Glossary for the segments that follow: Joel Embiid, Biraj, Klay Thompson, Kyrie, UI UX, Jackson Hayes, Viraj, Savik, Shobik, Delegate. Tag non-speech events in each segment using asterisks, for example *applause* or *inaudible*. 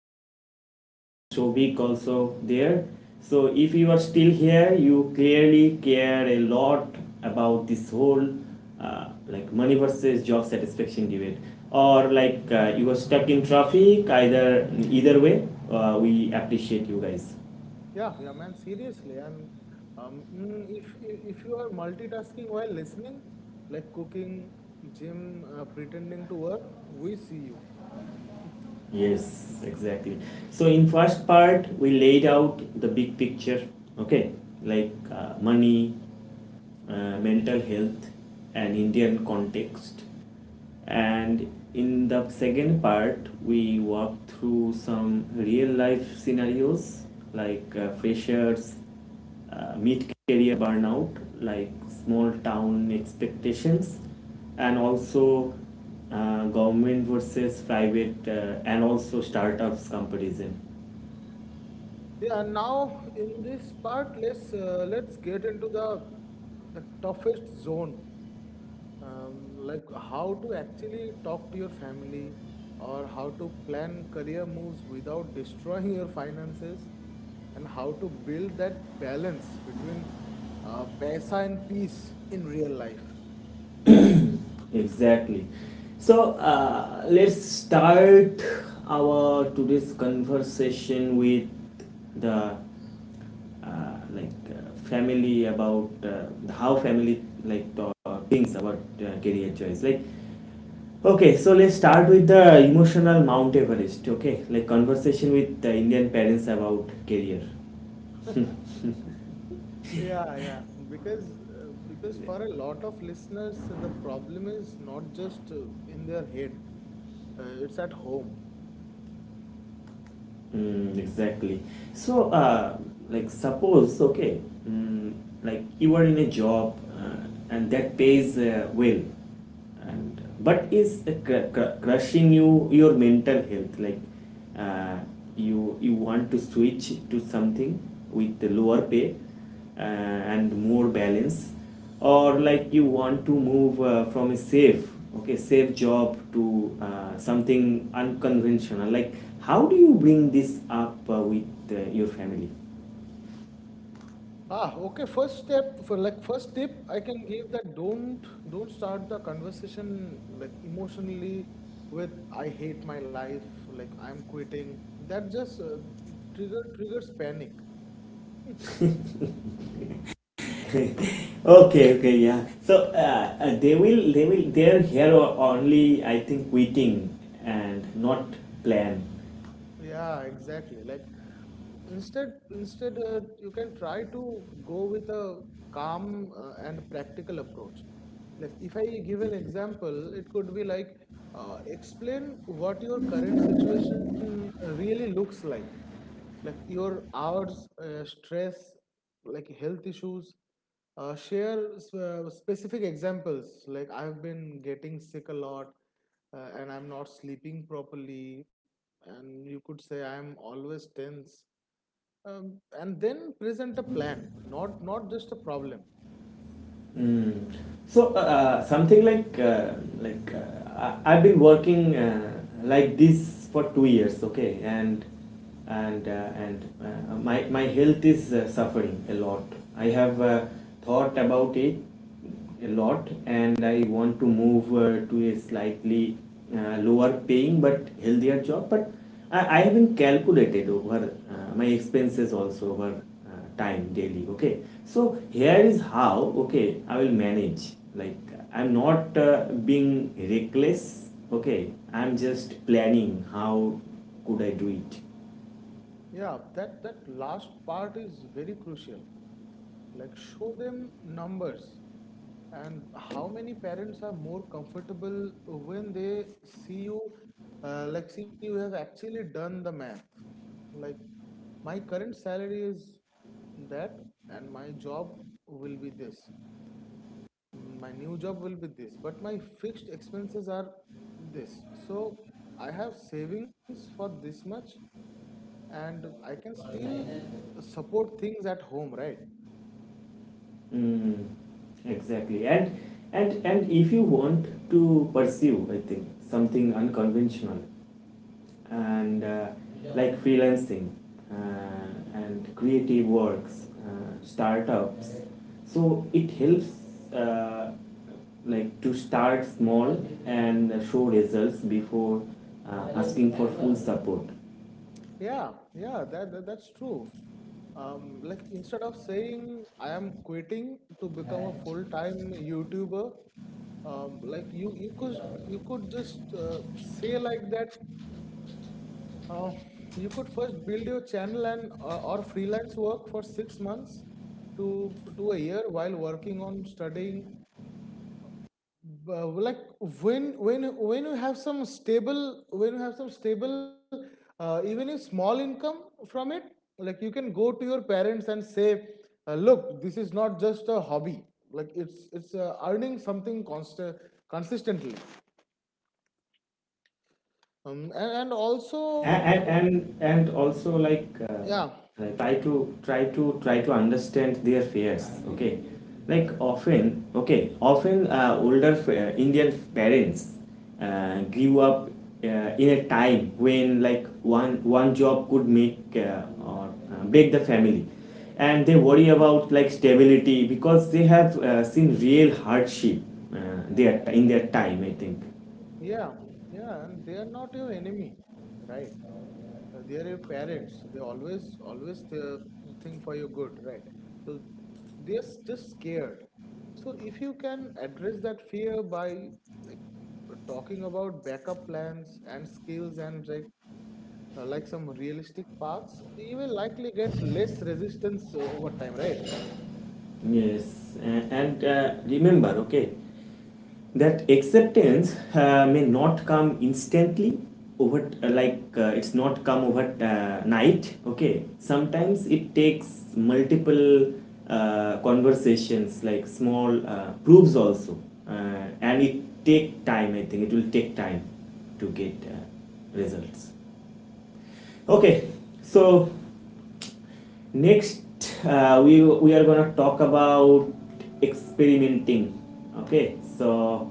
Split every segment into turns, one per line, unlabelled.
me your co-host Shobik also there. So, if you are still here, you clearly care a lot about this whole money versus job satisfaction debate or you were stuck in traffic either way we appreciate you guys.
Yeah, yeah, man, seriously. And um, mm, if if you are multitasking while listening, like cooking, gym, pretending to work, we see you.
Yes, exactly. So in first part we laid out the big picture, okay, money, mental health, and indian context. And in the second part we walked through some real life scenarios, freshers, mid-career burnout, like small town expectations, and also government versus private, and also startups comparison.
Yeah, and now in this part, let's get into the toughest zone, like how to actually talk to your family or how to plan career moves without *laughs* destroying your finances, and how to build that balance between paisa and peace in real life.
Exactly. So let's start our today's conversation with the like family about how family thinks about career choice, like, okay. So let's start with the emotional Mount Everest. Okay, like conversation with the Indian parents about career.
Yeah, yeah. Because for a lot of listeners, the problem is not just in their head. It's at home.
Mm, exactly. So, like suppose, okay, mm, like you are in a job and that pays well, and but is crushing you, your mental health, like, uh, you want to switch to something with the lower pay and more balance, or like you want to move from a safe, okay, safe job to something unconventional, like how do you bring this up with your family?
Ah, okay. First step for like first tip I can give that don't start the conversation like emotionally with I hate my life, like I'm quitting. That just triggers panic.
*laughs* Okay, okay, yeah. They will they're here only, I think, waiting and not plan.
Yeah, exactly. Like instead, you can try to go with a calm and practical approach. Like if I give an example, it could be like explain what your current situation really looks like your hours, stress, like health issues, share specific examples like I've been getting sick a lot, and I'm not sleeping properly, and you could say I'm always tense, and then present a plan, not just a problem.
Mm. So something like like uh, I- I've been working like this for 2 years, okay, and my health is suffering a lot. I have thought about it a lot, and I want to move to a slightly lower paying but healthier job. But I haven't calculated over my expenses also over time daily. Okay, so here is how, okay, I will manage. Like, I'm not being reckless. Okay, I'm just planning how could I do it.
Yeah, that last part is very crucial. Like, show them numbers, and how many parents are more comfortable when they see you, like, see you have actually done the math. Like, my current salary is that, and my job will be this. My new job will be this, but my fixed expenses are this. So, I have savings for this much, and I can still support things at home, right?
Mm, exactly. And and if you want to pursue, I think, something unconventional and like freelancing uh, and creative works, startups. So it helps, like, to start small and show results before asking for full support.
Yeah, yeah, that, that's true. Like instead of saying I am quitting to become a full-time YouTuber, like you could you could just say like that. Uh, you could first build your channel and or freelance work for 6 months to a year while working on studying, like when when when you have some stable when you have some stable even a small income from it. Like you can go to your parents and say, look, this is not just a hobby, like it's earning something constant consistently. And also,
And and also,
yeah,
like, try to understand their fears, okay, like often, okay, often older indian parents grew up uh, in a time when like one job could make or break the family, and they worry about like stability because they have seen real hardship their in their time, I think.
yeah, yeah. And they are not your enemy, right? They are your parents. So they always, always think for your good, right? So they are just scared. So if you can address that fear by, like, talking about backup plans and skills and like some realistic paths, you will likely get less resistance over time, right?
Yes. And, and remember, okay, that acceptance may not come instantly over, it's not come over night, okay. Sometimes it takes multiple conversations, like small proofs also, uh, and it take time, I think it will take time to get results. Okay, so next we are gonna talk about experimenting. Okay, so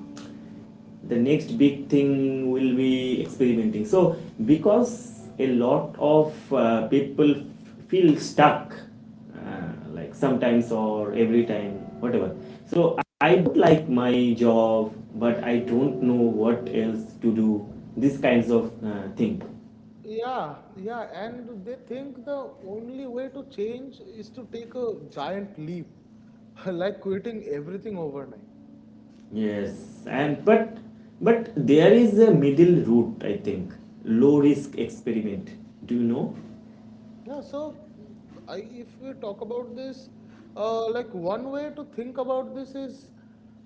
the next big thing will be experimenting. So, because a lot of people feel stuck, like sometimes or every time, whatever. So I don't like my job, but I don't know what else to do. These kinds of thing.
Yeah, yeah, and they think the only way to change is to take a giant leap, *laughs* like quitting everything overnight.
Yes, and but there is a middle route, I think. Low risk experiment. Do you know?
Yeah, so mm, if we talk about this, like one way to think about this is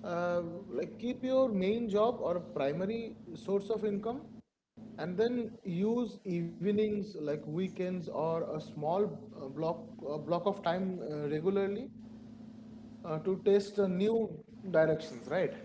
uh, like keep your main job or primary source of income, and then use evenings like weekends or a small block of time regularly to test new directions, right?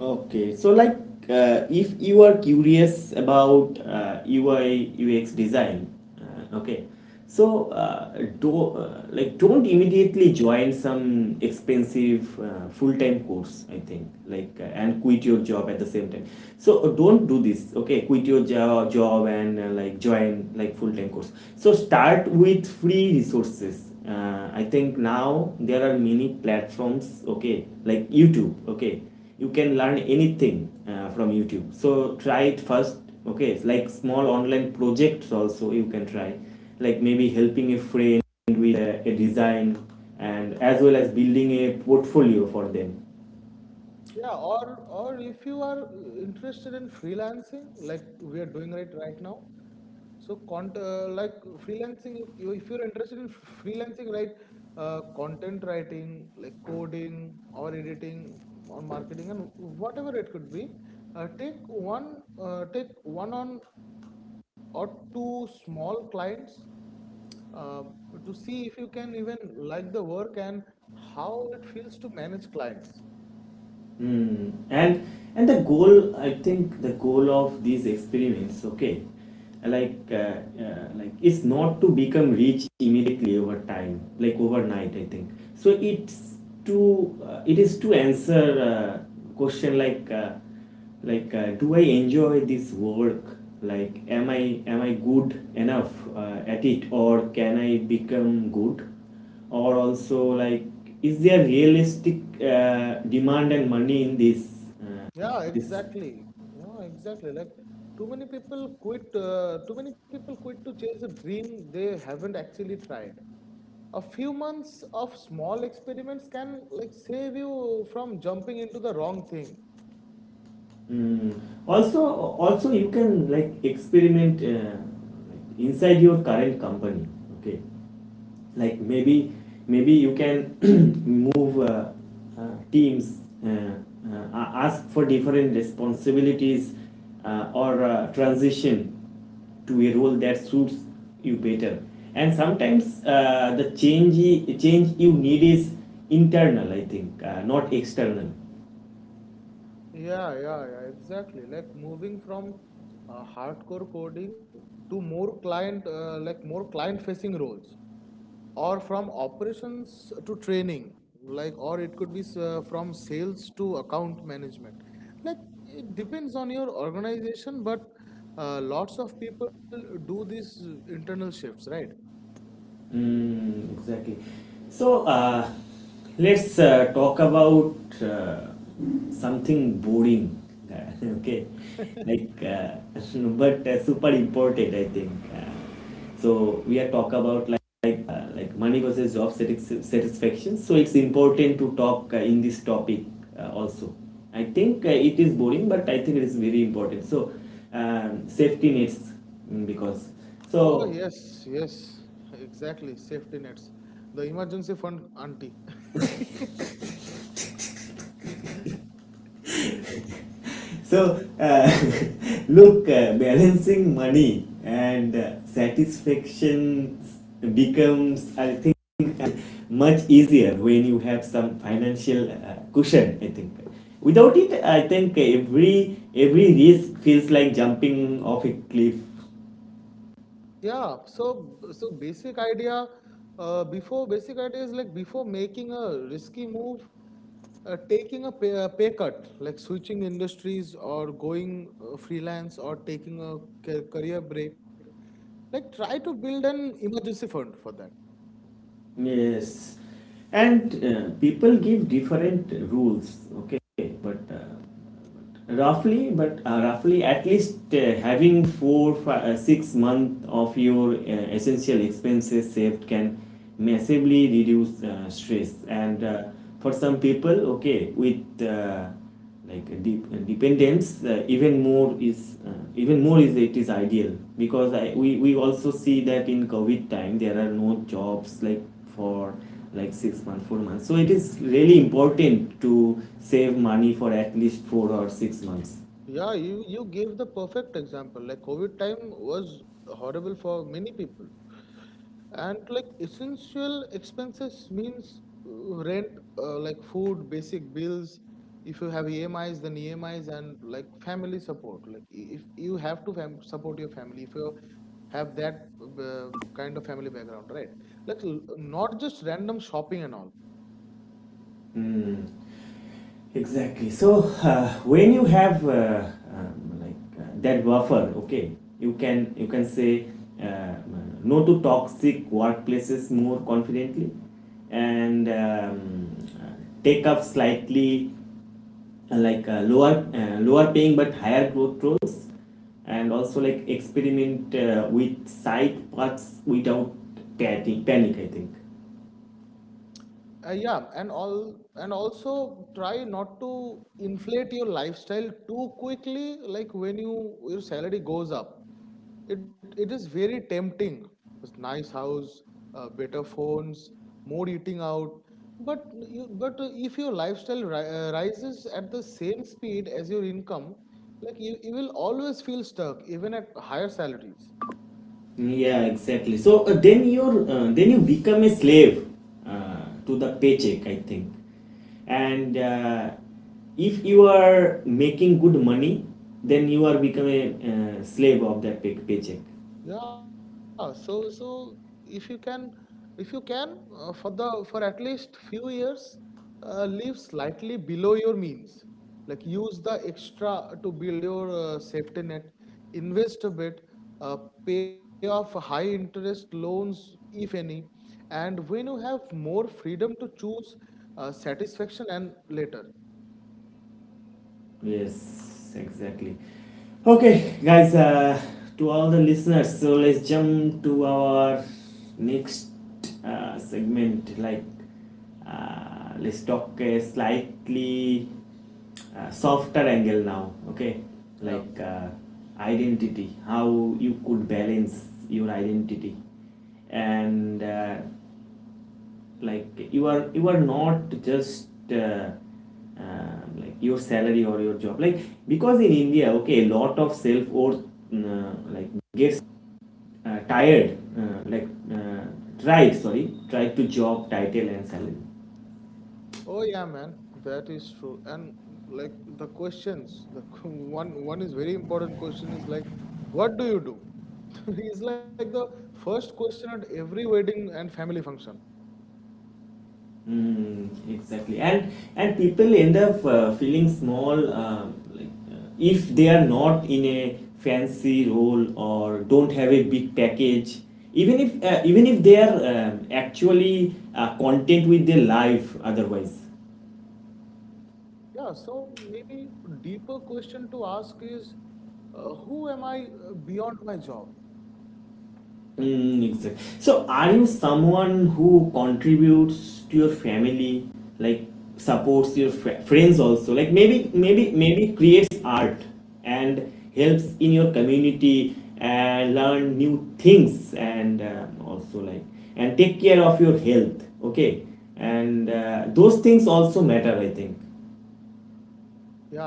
Okay, so like, if you are curious about UI UX design, okay, so do, don't immediately join some expensive full-time course, I think, and quit your job at the same time. So don't do this. Okay, quit your job and like join like full-time course. So start with free resources. I think now there are many platforms, okay, like youtube. Okay, you can learn anything from youtube, so try it first. Okay, it's like small online projects also you can try, like maybe helping a friend with a design, and as well as building a portfolio for them.
Yeah, or if you are interested in freelancing, like we are doing right now, so cont like freelancing, if you're interested in freelancing, right, content writing, like coding or editing or marketing and whatever it could be, uh, take uh, take one on or two small clients uh, to see if you can even like the work and how it feels to manage clients.
Hmm. And the goal, I think, the goal of these experiments, okay, like uh, is not to become rich immediately over time, like overnight, I think so. It's to, it is to answer question like, do I enjoy this work? Like, am I good enough at it, or can I become good? Or also, like, is there realistic demand and money in this uh,
Yeah,
this
exactly. Yeah, exactly. Like too many people quit to chase a dream they haven't actually tried. A few months of small experiments can like save you from jumping into the wrong thing.
mm. Also, also you can like experiment, like, inside your current company. Okay, like maybe, you can *clears throat* move, teams, uh, uh, ask for different responsibilities, or transition to a role that suits you better. And sometimes the change you need is internal, I think, not external.
Yeah, yeah, yeah. Exactly. Like moving from hardcore coding to more client-facing roles, or from operations to training, like, or it could be from sales to account management. Like, it depends on your organization, but lots of people do these internal shifts, right?
Mm, exactly. So let's talk about uh, something boring. *laughs* Okay, like, *laughs* but super important, I think. So we are talk about money versus satisfaction. So it's important to talk in this topic also. I think it is boring, but I think it is very important. So, safety nets, mm, because
Oh,
so
yes, yes, exactly. Safety nets. The emergency fund auntie. *laughs*
so *laughs* look, balancing money and satisfaction becomes, I think, uh, much easier when you have some financial cushion, I think. Without it, I think every risk feels like jumping off a cliff.
Yeah, so basic idea is like before making a risky move, a pay cut, like switching industries or going freelance or taking a career break, like try to build an emergency fund for that.
Yes, and people give different rules. Okay, but, uh, but roughly, at least having four, 6 months of your essential expenses saved can massively reduce stress. And
Mm.
for some people, okay, with like a dependence, even more is, it is ideal. Because I, we also see that in covid time there are no jobs like for like 6 months, 4 months. So it is really important to save money for at least 4 or 6 months.
Yeah, you gave the perfect example. Like COVID time was horrible for many people. And like essential expenses means rent, like food, basic bills. If you have EMIs, then EMIs and like family support. Like, if you have to fam support your family, if you have that kind of family background, right? Like, not just random shopping and all.
Exactly. So when you have, um, like that buffer, okay, you can say uh, no to toxic workplaces more confidently, and take up slightly lower paying but higher growth roles, and also like experiment with side parts without panic, I think.
Yeah, and all and also try not to inflate your lifestyle too quickly. Like when you, your salary goes up, it is very tempting. This nice house, better phones, more eating out. But if your lifestyle rises at the same speed as your income, like you will always feel stuck even at higher salaries.
Yeah, exactly. So then you become a slave to the paycheck, I think. And if you are making good money, then you are become a slave of that paycheck.
Yeah, so so if you can, if you can for the for at least few years, live slightly below your means. Like use the extra to build your safety net, invest a bit, uh, pay off high interest loans if any, and when you have more freedom to choose satisfaction and later.
Yes, exactly. Okay, guys, to all the listeners, so let's jump to our next segment. Like, let's talk a slightly softer angle now, okay?
Yeah.
Like, identity, how you could balance your identity and like you are not just, like, your salary or your job, like, because in india, okay, a lot of self worth like gets tired like tried sorry tried to job title and salary.
Oh yeah, man, that is true. And like the questions, the *laughs* one is very important question is like, what do you do? *laughs* It's like the first question at every wedding and family function.
Mm, exactly. And people end up feeling small, if they are not in a fancy role or don't have a big package. Even if, even if they are, actually content with their life, otherwise.
Yeah, so maybe deeper question to ask is, who am I beyond my job?
Mm, exactly. So, are you someone who contributes to your family, like supports your friends also? Like maybe, maybe, creates art and helps in your community and learn new things, and, also like and take care of your health. Okay, and those things also matter, I think.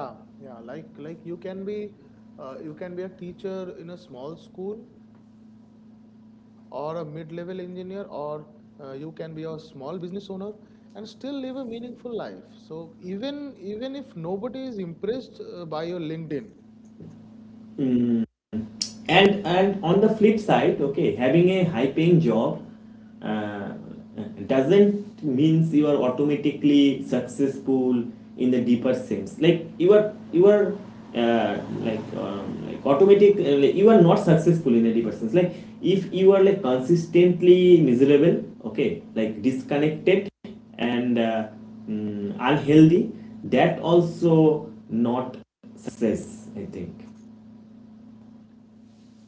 Yeah, yeah. Like you can be a teacher in a small school or a mid-level engineer, or you can be a small business owner, and still live a meaningful life. So even even if nobody is impressed by your LinkedIn.
And on the flip side, okay, having a high paying job uh, doesn't means you are automatically successful in the deeper sense. Like, you are, like automatic like you are not successful in a deeper sense, like if you are like consistently miserable, okay, like disconnected and mm, unhealthy, that also not success, I think.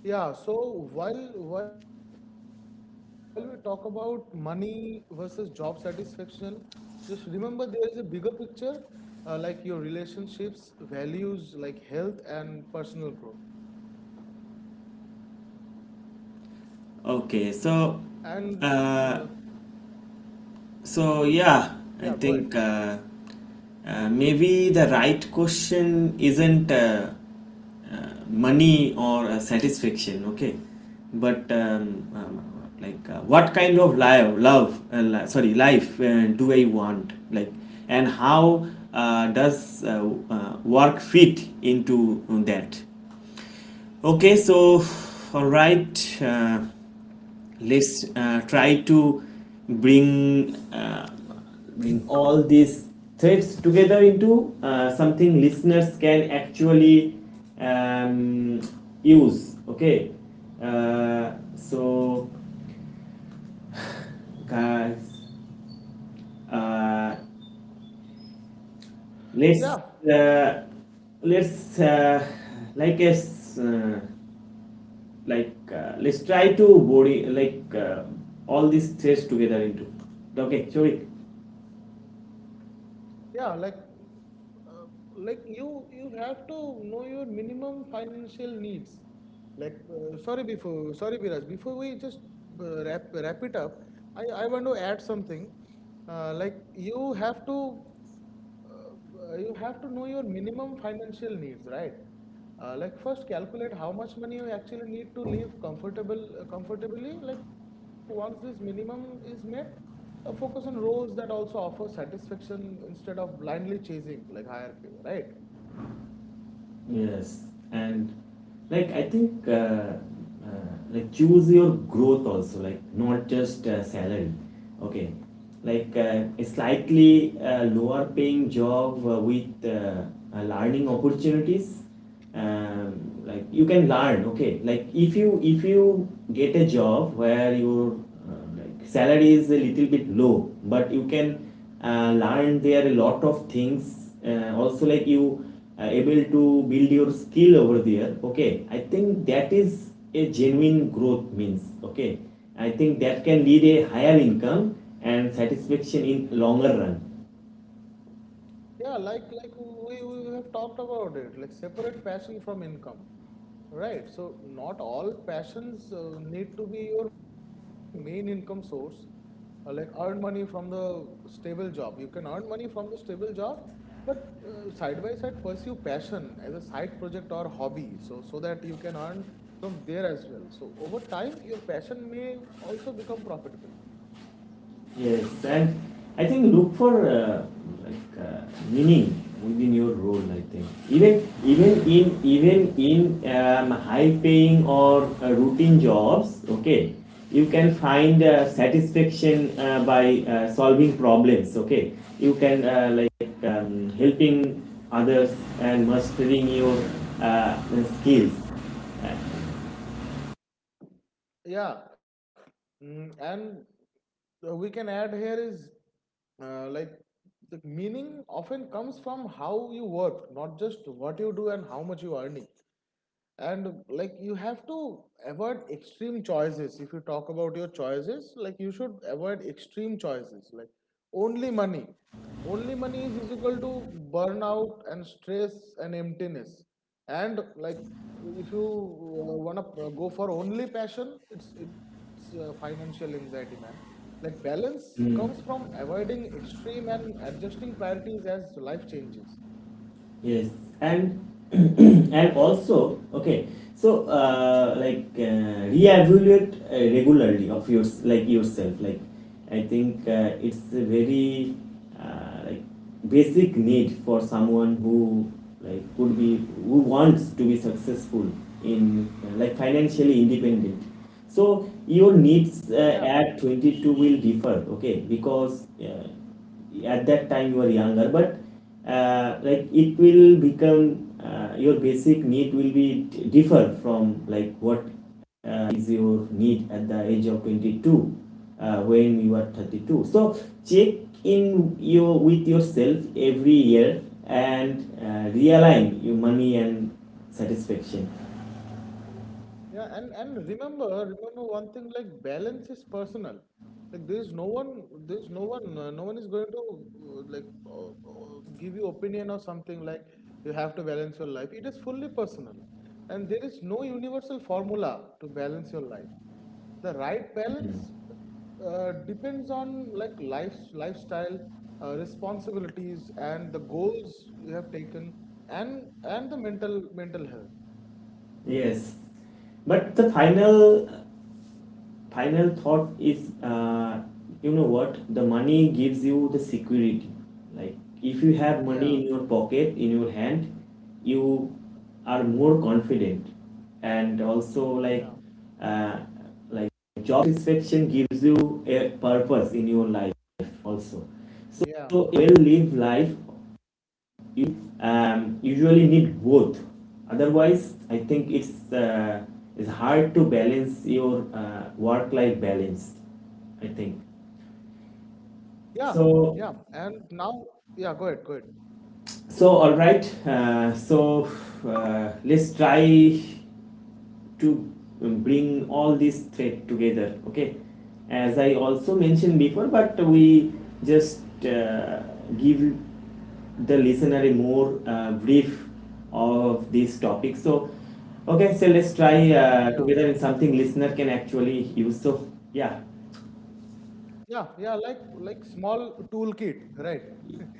Yeah, so while we talk about money versus job satisfaction, just remember there is a bigger picture, like your relationships, values, like health and personal growth.
Okay,
And
so
uh,
uh,
yeah, go ahead.
yeah, I think, maybe the right question isn't, money or satisfaction, okay, but, what kind of life, love, li- sorry, life do I want, like, and how does work fit into that? Okay, so all right, let's try to bring uh, bring all these threads together into something listeners can actually, um, use. Okay, so guys, uh,
Yeah,
let's, let's like a s- like let's try to body all these threads together into, okay, Shovik.
yeah, uh, you you have to know your minimum financial needs. Like, sorry before, sorry Biraj, before we just wrap it up, I want to add something. Like you have to know your minimum financial needs, right? Like first calculate how much money you actually need to live comfortable comfortably. Like once this minimum is met, focus on roles that also offer satisfaction instead of blindly chasing like higher pay, right?
Yes, and like I think like choose your growth also, like not just salary. Okay, like a slightly lower paying job with learning opportunities. um, like you can learn. Okay, like if you get a job where your like salary is a little bit low, but you can learn there a lot of things, also like you able to build your skill over there. Okay, I think that is a genuine growth means. Okay, I think that can lead a higher income and satisfaction in longer run.
Yeah, like we have talked about it, like separate passion from income, right? So not all passions need to be your main income source. Like earn money from the stable job. You can earn money from the stable job, but side by side pursue passion as a side project or hobby, so that you can earn from there as well. So over time, your passion may also become profitable.
Yes, and I think look for like meaning within your role. I think even in high-paying or routine jobs, okay, you can find satisfaction by solving problems. Okay, you can helping others and mastering your uh, skills.
Yeah, and we can add here is like the meaning often comes from how you work, not just what you do and how much you are earning. And like you have to avoid extreme choices. If you talk about your choices, like you should avoid extreme choices, like only money, only money is equal to burnout and stress and emptiness. And like if you wanna go for only passion, it's financial anxiety, man. Like balance comes
Mm,
from avoiding extreme and adjusting priorities as life changes.
yes, and *clears throat* and also okay. So like reevaluate regularly of your like yourself. Like I think it's a very like basic need for someone who like could be who wants to be successful in like financially independent. So your
Yeah.
needs at 22 will differ. Okay, because. At that time you are younger, but like it will become your basic need will be differ from like what is your need at the age of 22 when you are 32. So check in your with yourself every year and realign your money and satisfaction.
Yeah, and remember, remember one thing, like balance is personal. Like there is no one, no one is going to give you opinion or something. Like, you have to balance your life. It is fully personal, and there is no universal formula to balance your life. The right balance depends on like lifestyle, responsibilities, and the goals you have taken, and the mental health.
Yes, but the final final thought is you know what, the money gives you the security. Like if you have money
Yeah,
in your pocket, in your hand, you are more confident, and also
yeah,
uh, like job satisfaction gives you a purpose in your life also. So
yeah.
so a well lived life, you usually need both. Otherwise, I think it's hard to balance your work-life balance. I think
Yeah,
so.
yeah. And now, yeah, go ahead, go ahead.
So all right. So let's try to bring all these thread together. Okay, as I also mentioned before, but we just give the listener a more brief of this topic. So okay, so let's try
Yeah,
together in something listener can actually use. So yeah,
yeah, yeah. Like small toolkit, right?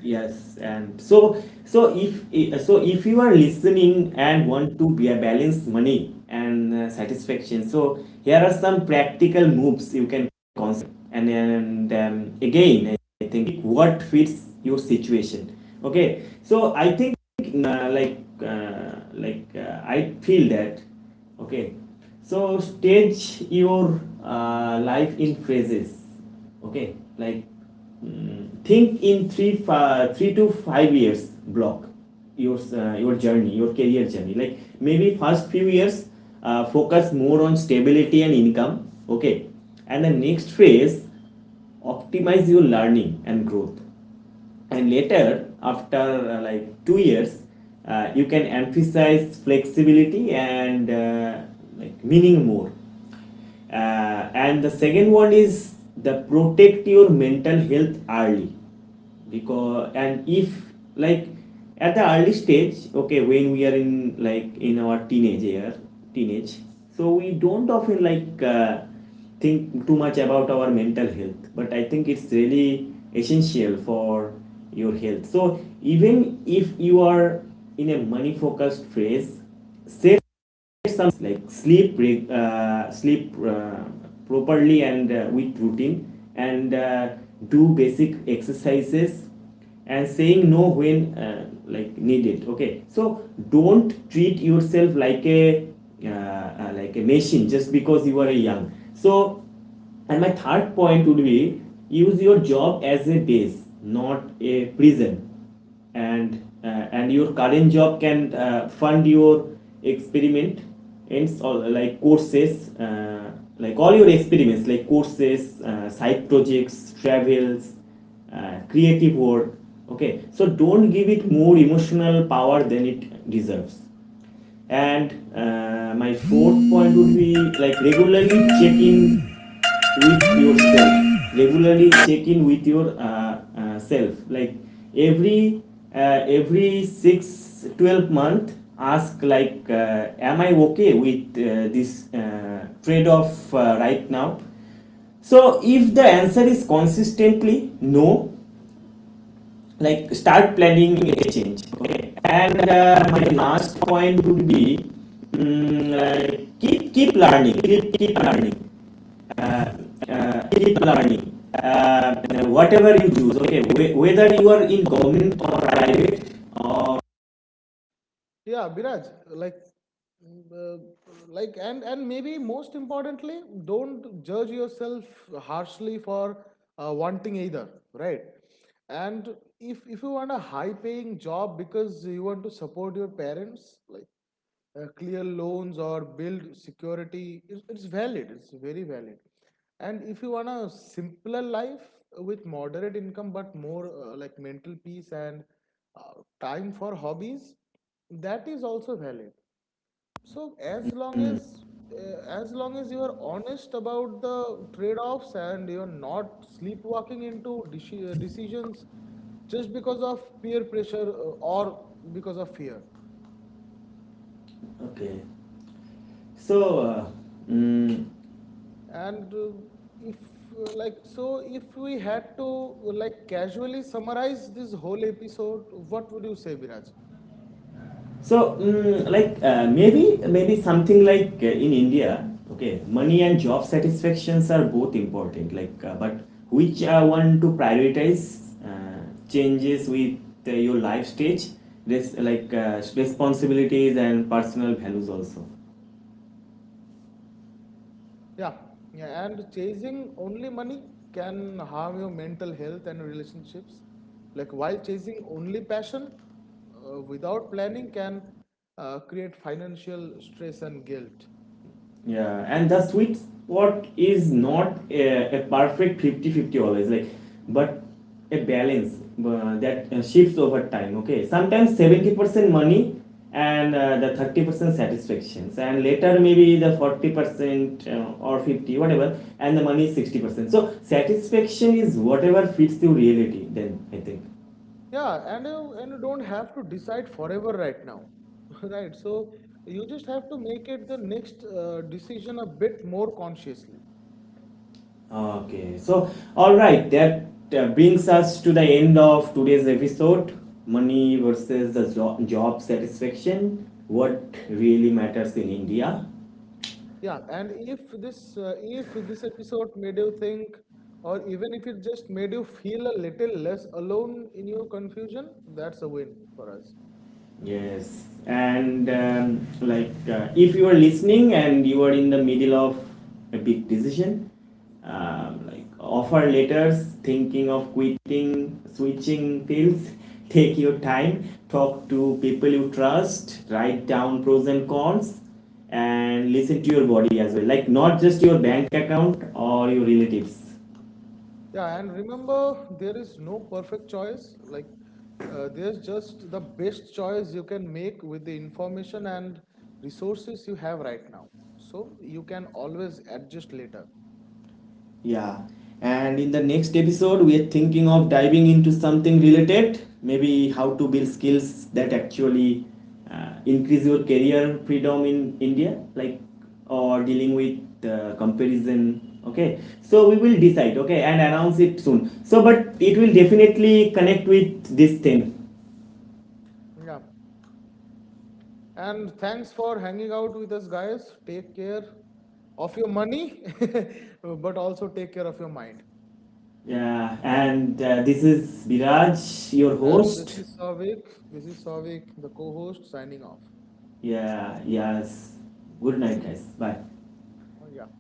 yes, and so if you are listening and want to be a balance money and satisfaction, so here are some practical moves you can consider. And again, I think what fits your situation. Okay, so I think uh, like uh, I feel that okay, so stage your life in phases. Okay, like mm, think in 3 to 5 years block your journey, your career journey. Like maybe first few years focus more on stability and income. Okay, and the next phase optimize your learning and growth, and later after like 2 years you can emphasize flexibility and like meaning more. And the second one is the protect your mental health early. Because and if like at the early stage, okay, when we are in like in our teenage year, teenage, so we don't often like think too much about our mental health, but I think it's really essential for your health. So even if you are in a money focused phase, set some like sleep sleep properly and with routine and do basic exercises and saying no when like needed. Okay, so don't treat yourself like a machine just because you are young. So and my third point would be use your job as a base, not a prison. And and your current job can fund your experiment ends all like courses, like all your experiments, like courses, side projects, travels, creative work. Okay, so don't give it more emotional power than it deserves. And my fourth point would be like regularly check in with yourself. Regularly check in with your self. Like every every six, 12 month, ask like, am I okay with this trade off right now? So if the answer is consistently no, like start planning a change. Okay, and my last point would be mm, keep, learning uh, keep learning uh, whatever you do. Okay, whether you are in government or private or
Yeah, Biraj. Like, mm, uh, like, and maybe most importantly, don't judge yourself harshly for wanting either, right? And if you want a high paying job because you want to support your parents, like, clear loans or build security, it's valid, it's very valid. And if you want a simpler life with moderate income but more like mental peace and uh, time for hobbies, that is also valid. So as long as, as long as you are honest about the trade offs, and you are not sleepwalking into decisions just because of peer pressure or because of fear.
okay. So mm,
And If, if we had to like casually summarize this whole episode, what would you say, Viraj?
so, mm, like maybe something like in India, okay, money and job satisfactions are both important. Like, but which one to prioritize changes with your life stage, like responsibilities and personal values also.
Yeah, yeah. And chasing only money can harm your mental health and relationships. Like while chasing only passion, without planning, can create financial stress and guilt.
Yeah, and the sweet spot is not a perfect 50 50 always, like, but a balance that shifts over time. Okay, sometimes 70% money and the 30% satisfactions, and later maybe the 40% or 50, whatever, and the money is 60%. So, satisfaction is whatever fits your reality, then I think.
Yeah, and you don't have to decide forever right now, *laughs* right? So you just have to make it the next decision a bit more consciously.
Okay, so all right, that brings us to the end of today's episode, money versus the job satisfaction, what really matters in India.
Yeah, and if this episode made you think, or even if it just made you feel a little less alone in your confusion, that's a win for us.
Yes, and like if you are listening and you are in the middle of a big decision, like offer letters, thinking of quitting, switching fields, *laughs* take your time, talk to people you trust, write down pros and cons, and listen to your body as well. Like not just your bank account or your relatives.
Yeah, and remember, there is no perfect choice. Like, there's just the best choice you can make with the information and resources you have right now. So you can always adjust later.
Yeah. And in the next episode, we are thinking of diving into something related, maybe how to build skills that actually increase your career freedom in India, like or dealing with comparison. Okay, so we will decide. Okay, and announce it soon. So, but it will definitely connect with this thing.
Yeah. And thanks for hanging out with us, guys. Take care of your money, *laughs* but also take care of your mind.
Yeah, and this is Viraj, your
And this
host.
is Savik. The co-host, signing off.
Yeah, yes. Good night, guys. Bye.
Oh, yeah.